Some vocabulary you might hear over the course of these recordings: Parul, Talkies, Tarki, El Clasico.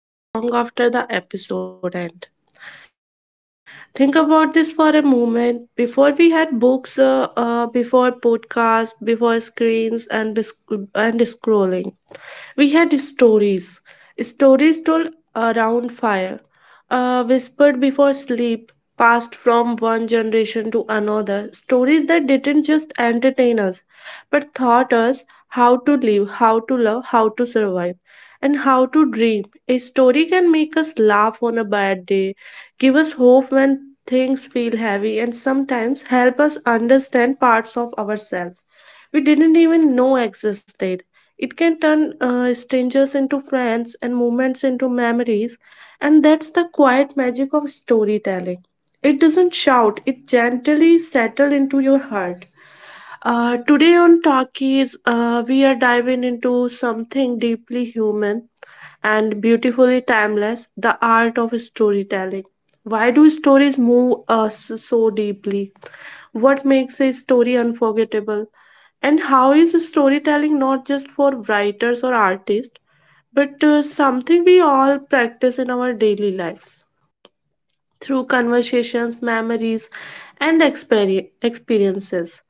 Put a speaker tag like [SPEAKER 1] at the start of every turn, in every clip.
[SPEAKER 1] That stay with us long after the episode end. Think about this for a moment. Before we had books, before podcasts, before screens and, and scrolling. We had stories, stories told around fire, whispered before sleep, passed from one generation to another. Stories that didn't just entertain us, but taught us how to live, how to love, how to survive. And how to dream. A story can make us laugh on a bad day, give us hope when things feel heavy, and sometimes help us understand parts of ourselves we didn't even know existed. It can turn strangers into friends and moments into memories, and that's the quiet magic of storytelling. It doesn't shout, it gently settles into your heart. Today on Talkies, we are diving into something deeply human and beautifully timeless: the art of storytelling. Why do stories move us so deeply? What makes a story unforgettable? And how is storytelling not just for writers or artists, but something we all practice in our daily lives through conversations, memories, and experiences.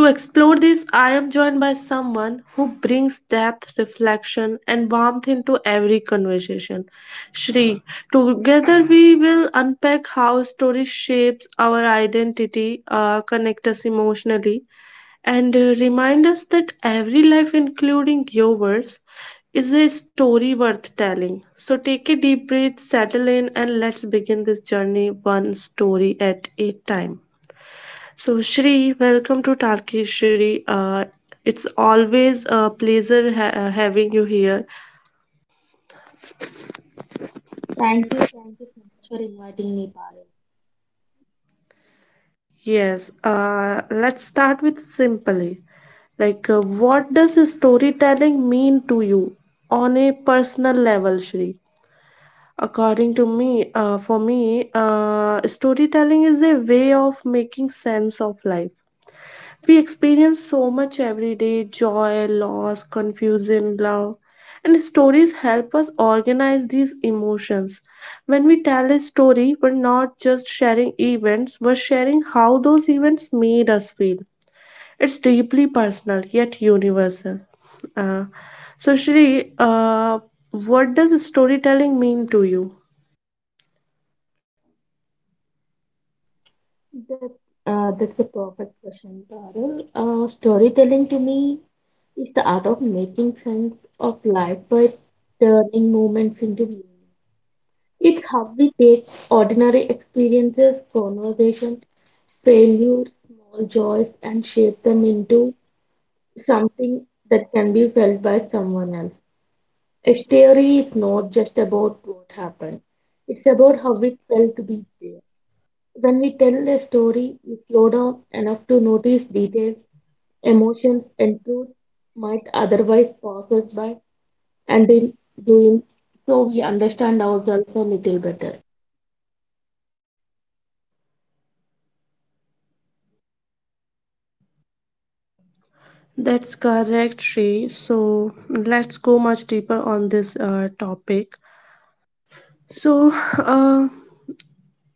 [SPEAKER 1] To explore this, I am joined by someone who brings depth, reflection, and warmth into every conversation. Shri, together we will unpack how story shapes our identity, connect us emotionally, and remind us that every life, including yours, is a story worth telling. So take a deep breath, settle in, and let's begin this journey one story at a time. So, Shri, welcome to Tarki Shri. It's always a pleasure having you here.
[SPEAKER 2] Thank you, so much for inviting me, Parul.
[SPEAKER 1] Yes, let's start with simply. Like, what does storytelling mean to you on a personal level, Shri? According to me, for me, storytelling is a way of making sense of life. Experience so much every day: joy, loss, confusion, love. And stories help us organize these emotions. When we tell a story, we're not just sharing events, we're sharing how those events made us feel. It's deeply personal, yet universal. Uh, so, Shri, what does storytelling mean to you?
[SPEAKER 2] That's a perfect question, Parul. Storytelling to me is the art of making sense of life by turning moments into meaning. It's how we take ordinary experiences, conversations, failures, small joys, and shape them into something that can be felt by someone else. A story is not just about what happened, it's about how it felt to be there. When we tell a story, we slow down enough to notice details, emotions, and truth might otherwise pass us by, and in doing so, we understand ourselves a little better.
[SPEAKER 1] That's correct, Shrey. So let's go much deeper on this topic. So,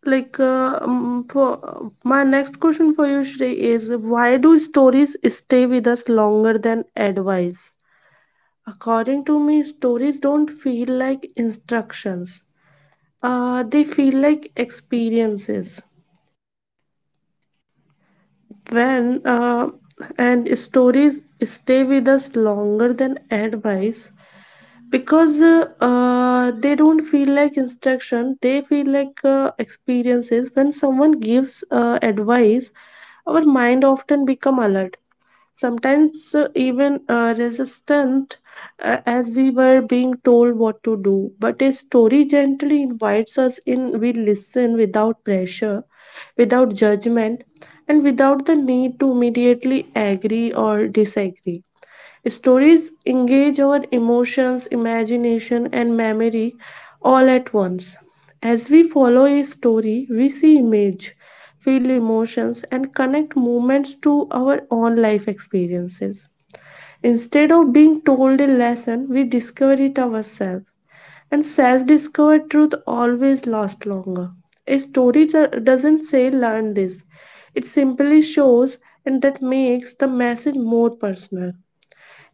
[SPEAKER 1] like, for my next question for you, Shrey, is: why do stories stay with us longer than advice? According to me, stories don't feel like instructions. They feel like experiences. When And stories stay with us longer than advice because they don't feel like instruction, they feel like experiences. When someone gives advice, our mind often become alert, sometimes even resistant, as we were being told what to do. But a story gently invites us in, listen without pressure, without judgment, and without the need to immediately agree or disagree. Stories engage our emotions, imagination, and memory all at once. As we follow a story, we see image, feel emotions, and connect moments to our own life experiences. Instead of being told a lesson, we discover it ourselves. And self discovered truth always lasts longer. A story doesn't say learn this, it simply shows, and that makes the message more personal.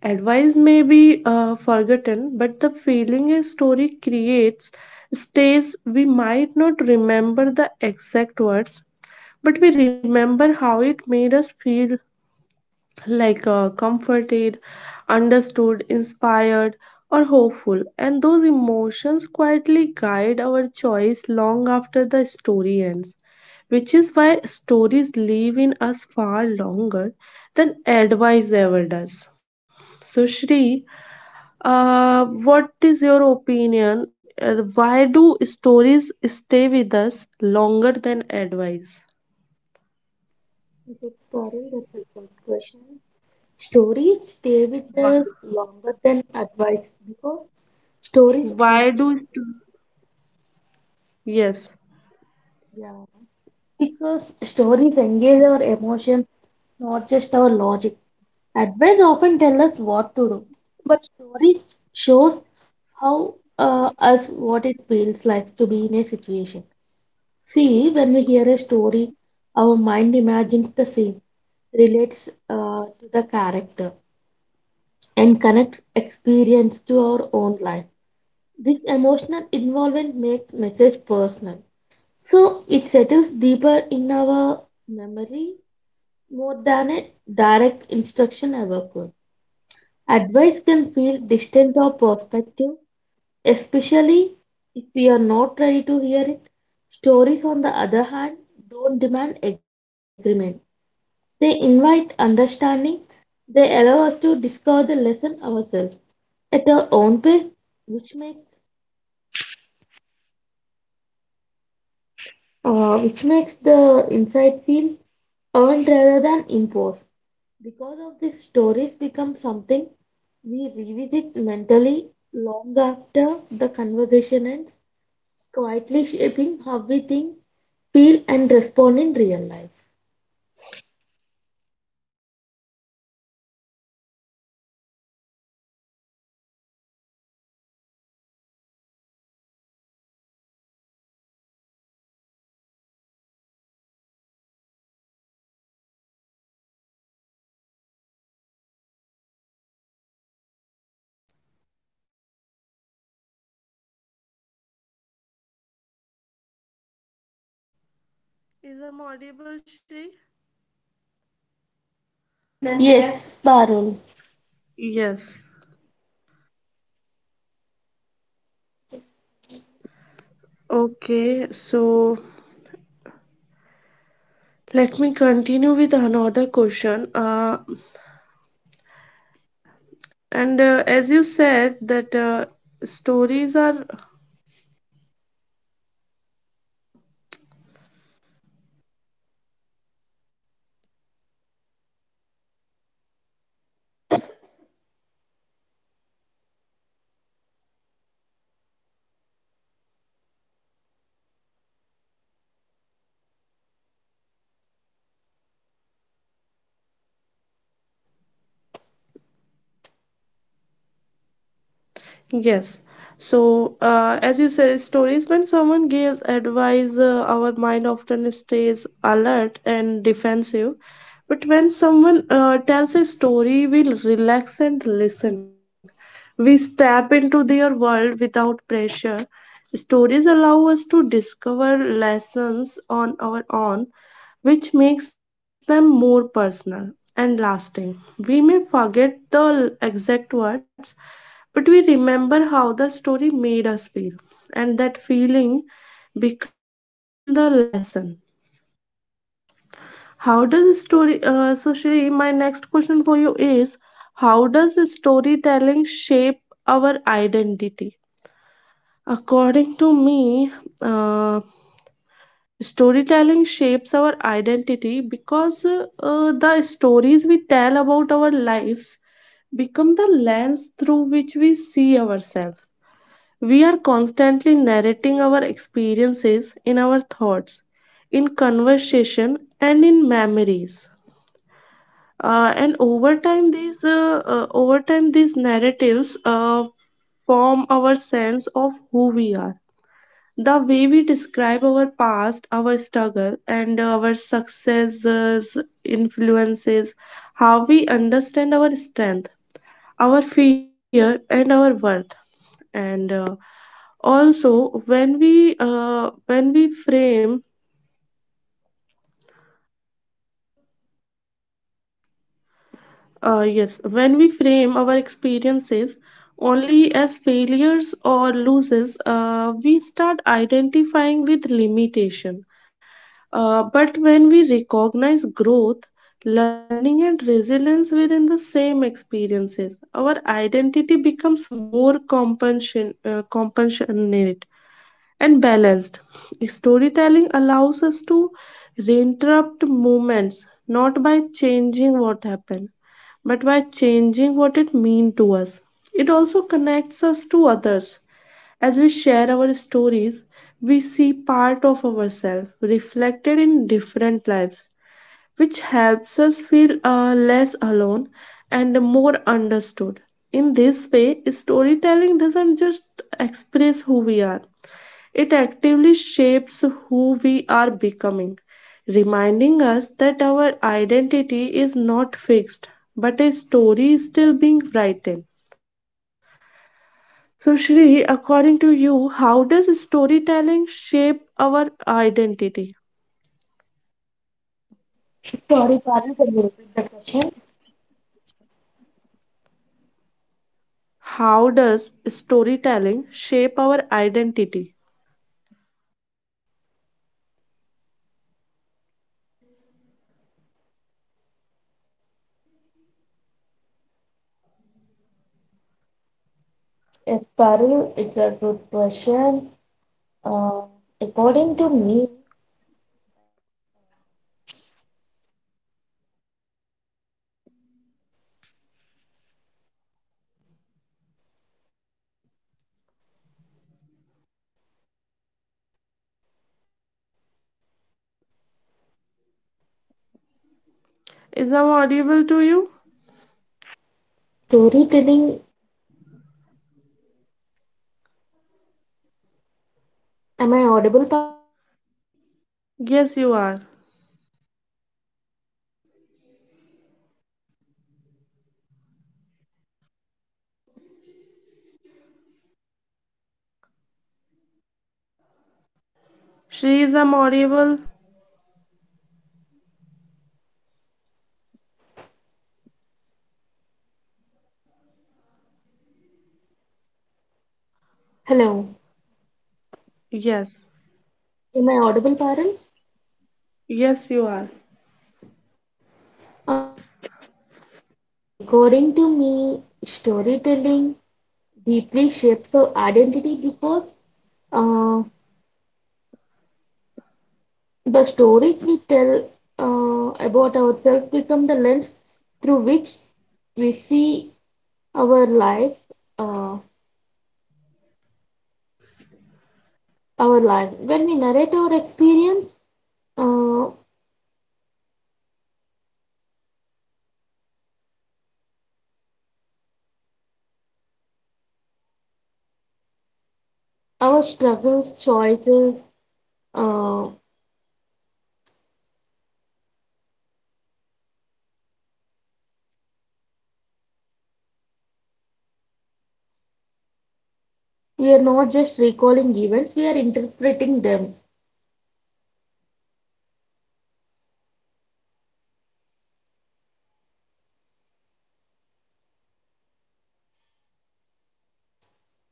[SPEAKER 1] Advice may be forgotten, but the feeling a story creates stays. We might not remember the exact words, but we remember how it made us feel, like comforted, understood, inspired, or hopeful. And those emotions quietly guide our choice long after the story ends, which is why stories live in us far longer than advice ever does. So, Shri, what is your opinion? Why do stories stay with us longer than advice?
[SPEAKER 2] Okay, Parul, that's a good question. Stories stay with us longer than advice because stories engage.
[SPEAKER 1] Why do? Yes.
[SPEAKER 2] Yeah. Because stories engage our emotion, not just our logic. Advice often tell us what to do, but stories shows how us what it feels like to be in a situation. See, when we hear a story, our mind imagines the scene, relates to the character, and connects experience to our own life. This emotional involvement makes message personal. So it settles deeper in our memory more than a direct instruction ever could. Advice can feel distant or prospective, especially if we are not ready to hear it. Stories, on the other hand, don't demand agreement. They invite understanding. They allow us to discover the lesson ourselves at our own pace, which makes which makes the insight feel earned rather than imposed. Because of this, stories become something we revisit mentally long after the conversation ends, quietly shaping how we think, feel, and respond in real life.
[SPEAKER 1] Is I'm audible, Shri?
[SPEAKER 2] Yes, Parul.
[SPEAKER 1] Yes. Okay, so let me continue with another question. And as you said that stories are. Yes. So, as you said, stories, when someone gives advice, our mind often stays alert and defensive. But when someone tells a story, we relax and listen. We step into their world without pressure. Stories allow us to discover lessons on
[SPEAKER 2] Sorry,
[SPEAKER 1] our own, which makes them more personal and lasting. We may forget the exact words, but we remember how the story made us feel, and that feeling become the lesson. How does a story? So, Shri, my next question for you is: how does storytelling shape our identity? According to me, uh, shapes our identity because the stories we tell about our lives become the lens through which we see ourselves. We are constantly narrating our experiences in our thoughts, in conversation, and in memories. And over time, these narratives form our sense of who we are. The way we describe our past, our struggle, and our successes influences how we understand our strength, our fear, and our worth. And also, when we when we frame our experiences only as failures or losses, we start identifying with limitation. But when we recognize growth, learning, and resilience within the same experiences, our identity becomes more compassionate and balanced. Storytelling allows us to reinterrupt moments, not by changing what happened, but by changing what it means to us. It also connects us to others. As we share our stories, we see part of ourselves reflected in different lives, which helps feel less alone and more understood. In this way, storytelling doesn't just express who we are, it actively shapes who we are becoming, reminding us that our identity is not fixed, but a story is still being written. So, Shri, according to you, how does storytelling shape our identity?
[SPEAKER 2] Parul, can you repeat the question?
[SPEAKER 1] How does storytelling shape our identity?
[SPEAKER 2] Yes, Parul, it's a good question. Uh, According to me, storytelling shapes our
[SPEAKER 1] Is I'm
[SPEAKER 2] identity.
[SPEAKER 1] audible to you?
[SPEAKER 2] Am I audible, Parul?
[SPEAKER 1] Yes, you are.
[SPEAKER 2] Am I audible, Parul?
[SPEAKER 1] Shri, is I'm audible?
[SPEAKER 2] Hello,
[SPEAKER 1] Yes.
[SPEAKER 2] am I audible, Parul?
[SPEAKER 1] Yes, you are.
[SPEAKER 2] Uh, According to me, storytelling deeply shapes our identity because uh, the stories we tell about ourselves become the lens through which we see our life. Uh, When we narrate our experience, uh, our struggles, choices, uh, we are not just recalling events; we are interpreting them.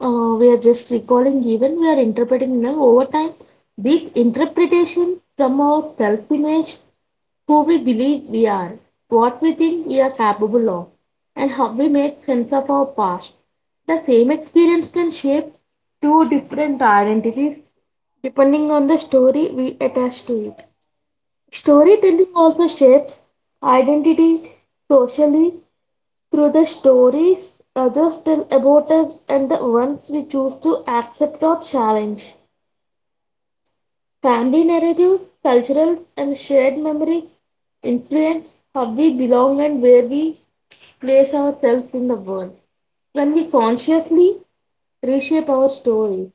[SPEAKER 2] Uh, we are just recalling even we are interpreting now. Over time this interpretation from our self-image, who we believe we are, what we think we are capable of, and how we make sense of our past. The same experience can shape two different identities depending on the story we attach to it. Storytelling also shapes identity socially through the stories others tell about us and the ones we choose to accept or challenge. Family narratives, cultural and shared memory influence how we belong and where we place ourselves in the world. When we consciously reshape our stories,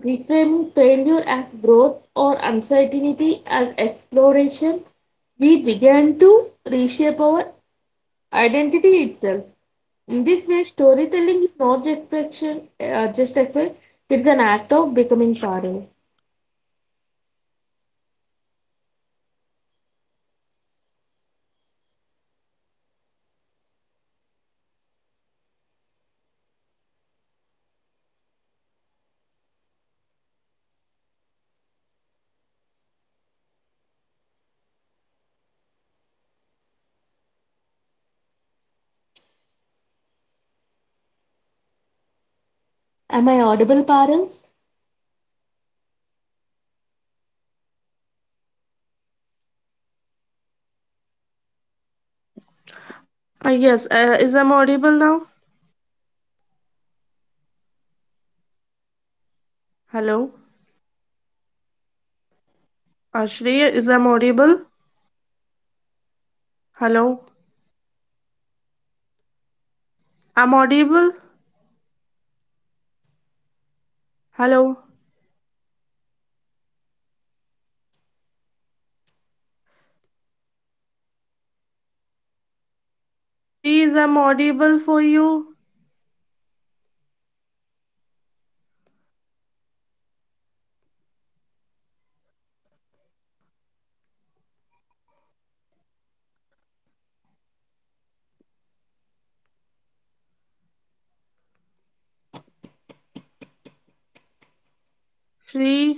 [SPEAKER 2] reframing failure as growth or uncertainty as exploration, we begin to reshape our identity itself. In this way, storytelling is not just expression. It's an act of becoming, Parul. Am I audible, Parul?
[SPEAKER 1] Yes, is I'm audible now? Hello? Shri, is I'm audible? Hello? I'm audible? Hello? Shri, is I'm audible for you? Shri,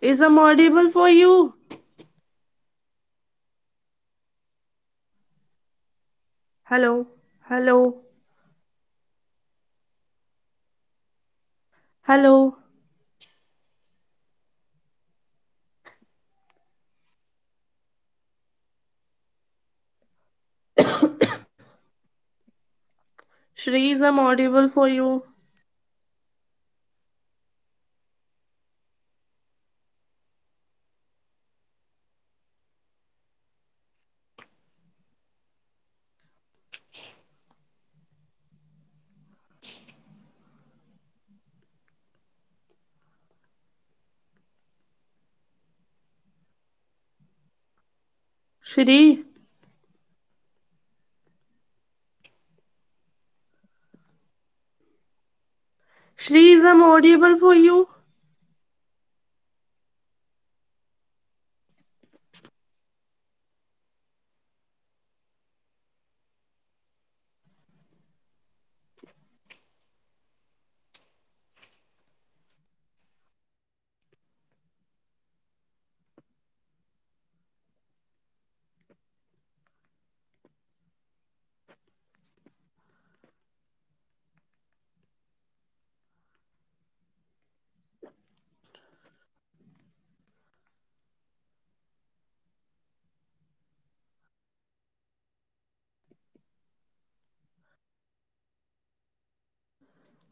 [SPEAKER 1] is I'm audible for you? Hello? Hello? Hello? Shri, is I'm audible for you? Shri? Shri, is I'm audible for you?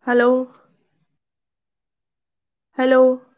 [SPEAKER 1] Hello? Hello?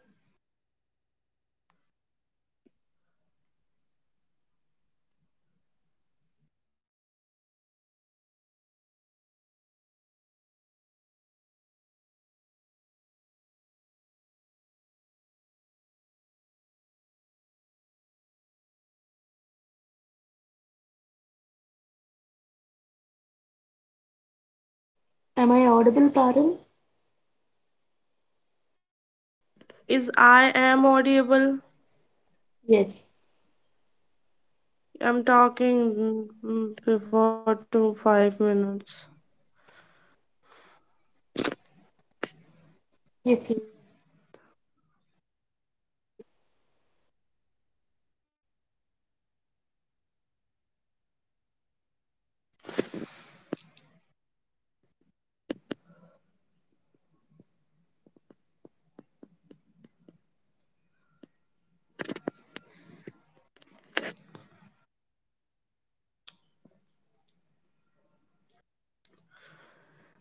[SPEAKER 2] Am I audible, Parul?
[SPEAKER 1] Is I am audible?
[SPEAKER 2] Yes.
[SPEAKER 1] I'm talking before 2, 5 minutes.
[SPEAKER 2] Yes.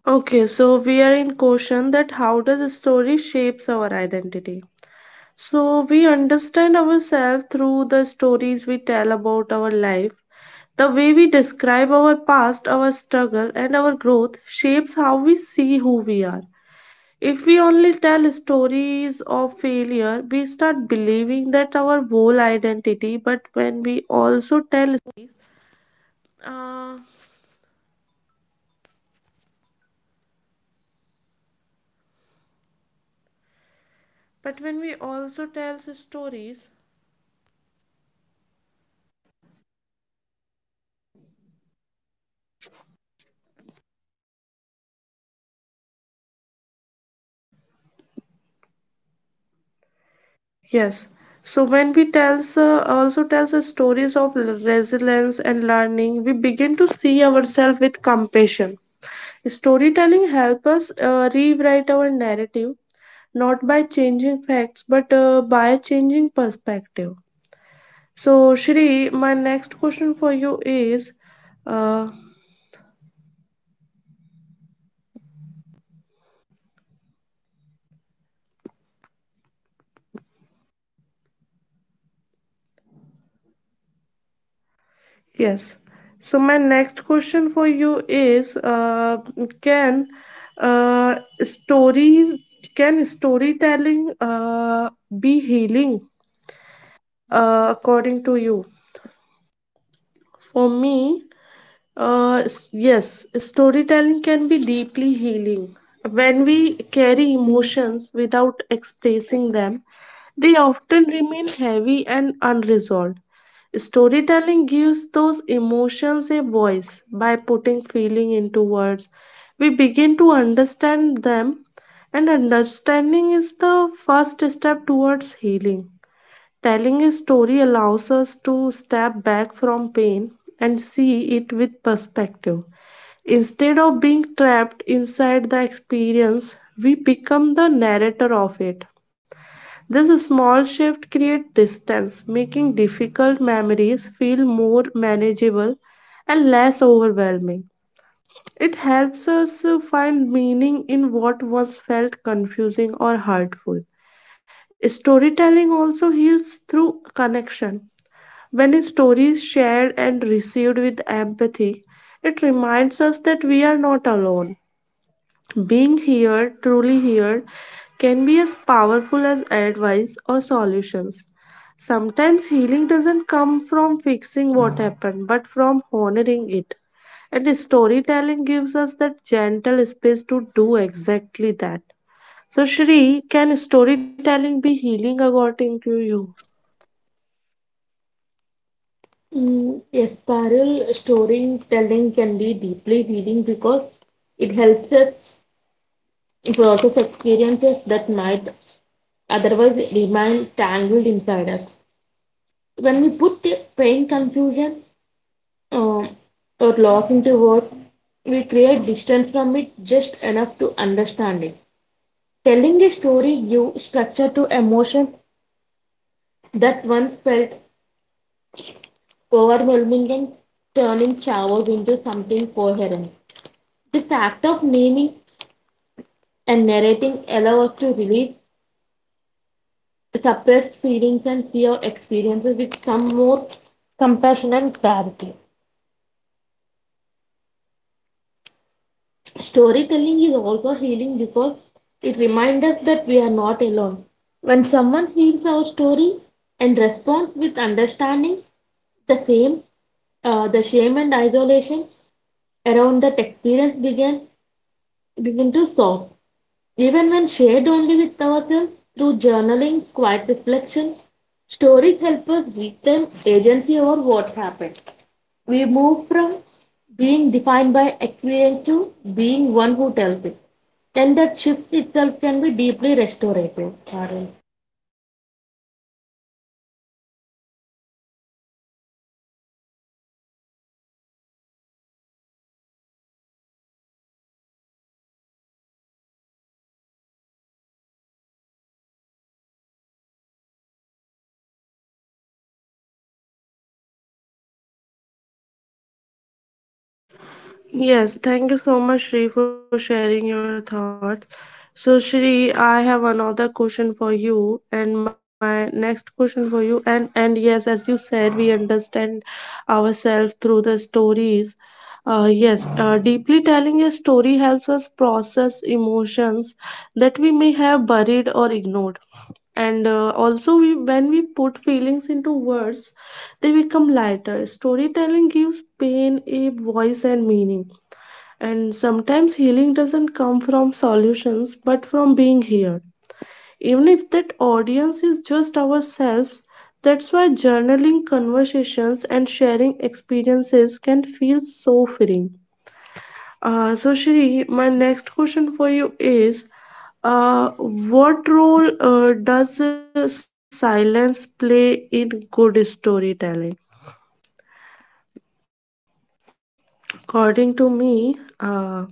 [SPEAKER 1] Okay, so we are in question that how does a story shapes our identity? So we understand ourselves through the stories we tell about our life. The way we describe our past, our struggle, and our growth shapes how we see who we are. If we only tell stories of failure, we start believing. Yes. So when we tells also tells us stories of resilience and learning, we begin to see ourselves with compassion. Storytelling help us rewrite our narrative, not by changing facts, but by changing perspective. So, Shri, my next question for you is, uh, yes, so my next question for you is, can uh, stories can storytelling be healing, according to you? For me, yes, storytelling can be deeply healing. When we carry emotions without expressing them, they often remain heavy and unresolved. Storytelling gives those emotions a voice by putting feeling into words. We begin to understand them, and understanding is the first step towards healing. Telling a story allows us to step back from pain and see it with perspective. Instead of being trapped inside the experience, we become the narrator of it. This small shift creates distance, making difficult memories feel more manageable and less overwhelming. It helps us find meaning in what once felt confusing or hurtful. Storytelling also heals through connection. When a story is shared and received with empathy, it reminds us that we are not alone. Being here, truly here, can be as powerful as advice or solutions. Sometimes healing doesn't come from fixing what happened, but from honoring it. And storytelling gives us that gentle space to do exactly that. So, Shri, can storytelling be healing according to you?
[SPEAKER 2] Mm, yes, Parul, storytelling can be deeply healing because it helps us process experiences that might otherwise remain tangled inside us. When we put pain, confusion, um, or locking into words, we create distance from it just enough to understand it. Telling a story gives structure to emotions that once felt overwhelming and turning chaos into something coherent. This act of naming and narrating allows us to release suppressed feelings and see our experiences with some more compassion and clarity. Storytelling is also healing because it reminds us that we are not alone. When someone hears our story and responds with understanding, the same, the shame and isolation around that experience begin to soften. Even when shared only with ourselves through journaling, quiet reflection, stories help us retain agency over what happened. We move from being defined by experience to being one who tells it. And that shift itself can be deeply restorative, Parul.
[SPEAKER 1] Yes, thank you so much, Shri, for sharing your thought. So, Shri, I have another question for you, and my next question for you. And yes, as you said, we understand ourselves through the stories. Yes, deeply telling a story helps us process emotions that we may have buried or ignored. And also, when we put feelings into words, they become lighter. Storytelling gives pain a voice and meaning, and sometimes healing doesn't come from solutions but from being heard. Even if that audience is just ourselves, that's why journaling conversations and sharing experiences can feel so freeing. So, Shri, my next question for you is: uh, what role does silence play in good storytelling? According to me,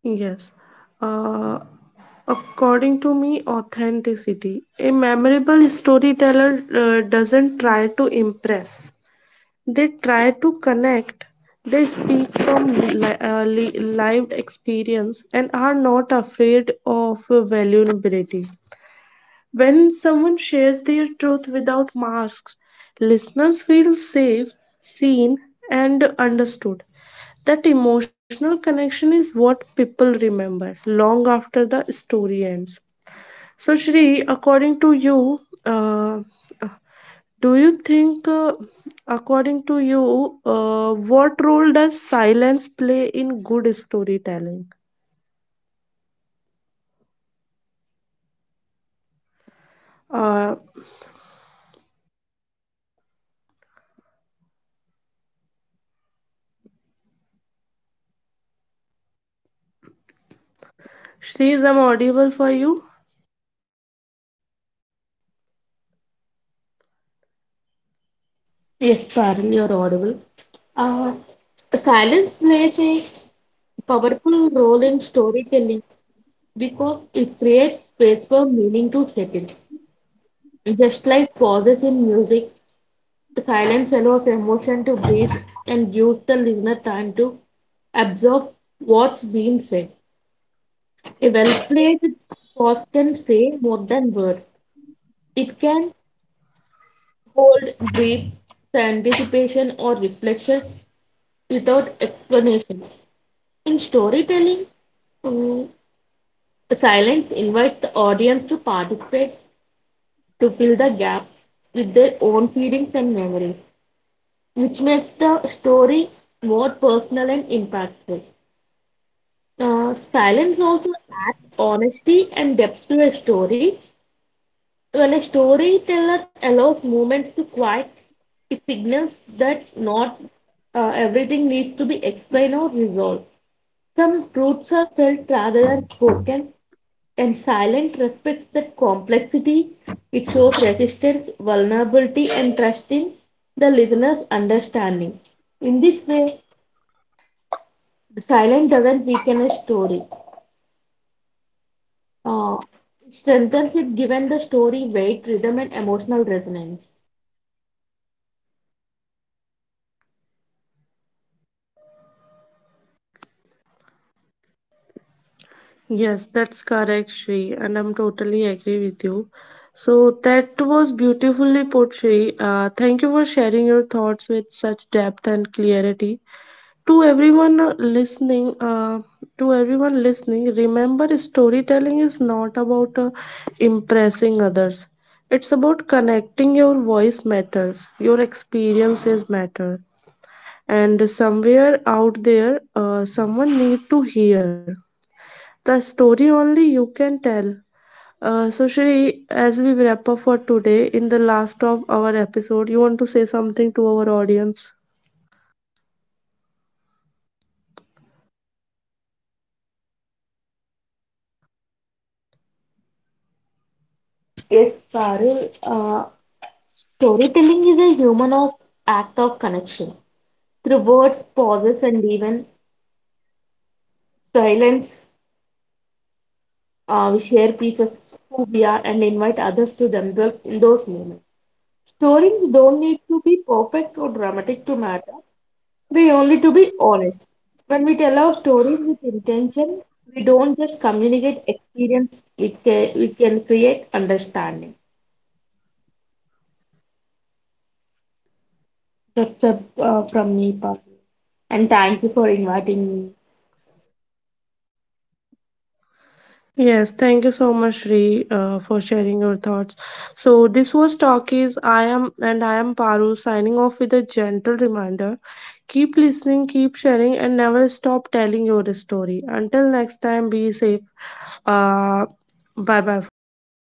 [SPEAKER 1] yes, Uh, according to me, authenticity. A memorable storyteller doesn't try to impress, they try to connect. They speak from lived experience and are not afraid of vulnerability. When someone shares their truth without masks, listeners feel safe, seen, and understood. That emotional connection is what people remember long after the story ends. So, Shri, according to you, uh, uh, do you think, according to you, what role does silence play in good storytelling? Uh, Shri, is I'm audible for you?
[SPEAKER 2] Yes, Parul, you're audible. Uh, Silence plays a powerful role in storytelling because it creates space for meaning to settle. Just like pauses in music, the silence allows emotion to breathe and gives the listener time to absorb what's being said. A well placed pause can say more than words. It can hold brief anticipation or reflection without explanation. In storytelling, Mm, silence invites the audience to participate to fill the gaps with their own feelings and memories, which makes the story more personal and impactful. Silence also adds honesty and depth to a story. When a storyteller allows moments to quiet, it signals that not everything needs to be explained or resolved. Some truths are felt rather than spoken, and silence respects that complexity. It shows resistance, vulnerability, and trust in the listener's understanding. In this way, the silence doesn't weaken a story. Uh, it strengthens it, given the story weight, rhythm, and emotional resonance.
[SPEAKER 1] Yes, that's correct, Shri, and I'm totally agree with you. So that was beautifully put, Shri. Thank you for sharing your thoughts with such depth and clarity. To everyone uh, listening, uh, to everyone listening, remember storytelling is not about impressing others. It's about connecting. Your voice matters, your experiences matter, and somewhere out there, someone need to hear the story only you can tell. So, Shri, as we wrap up for today, in the last of our episode, you want to say something to our audience?
[SPEAKER 2] Yes, Parul, storytelling is a human of act of connection. Through words, pauses, and even silence, we share pieces of who we are and invite others to themselves in those moments. Stories don't need to be perfect or dramatic to matter. We only to be honest. When we tell our stories with intention, we don't just communicate experience, we can create understanding. That's the from me part. And thank you for inviting me.
[SPEAKER 1] Yes, thank you so much, Sri, for sharing your thoughts. So this was Talkies. I am Paru signing off with a gentle reminder. Listening, keep sharing, and never stop telling your story. Until next time, be safe. Uh, bye bye for today.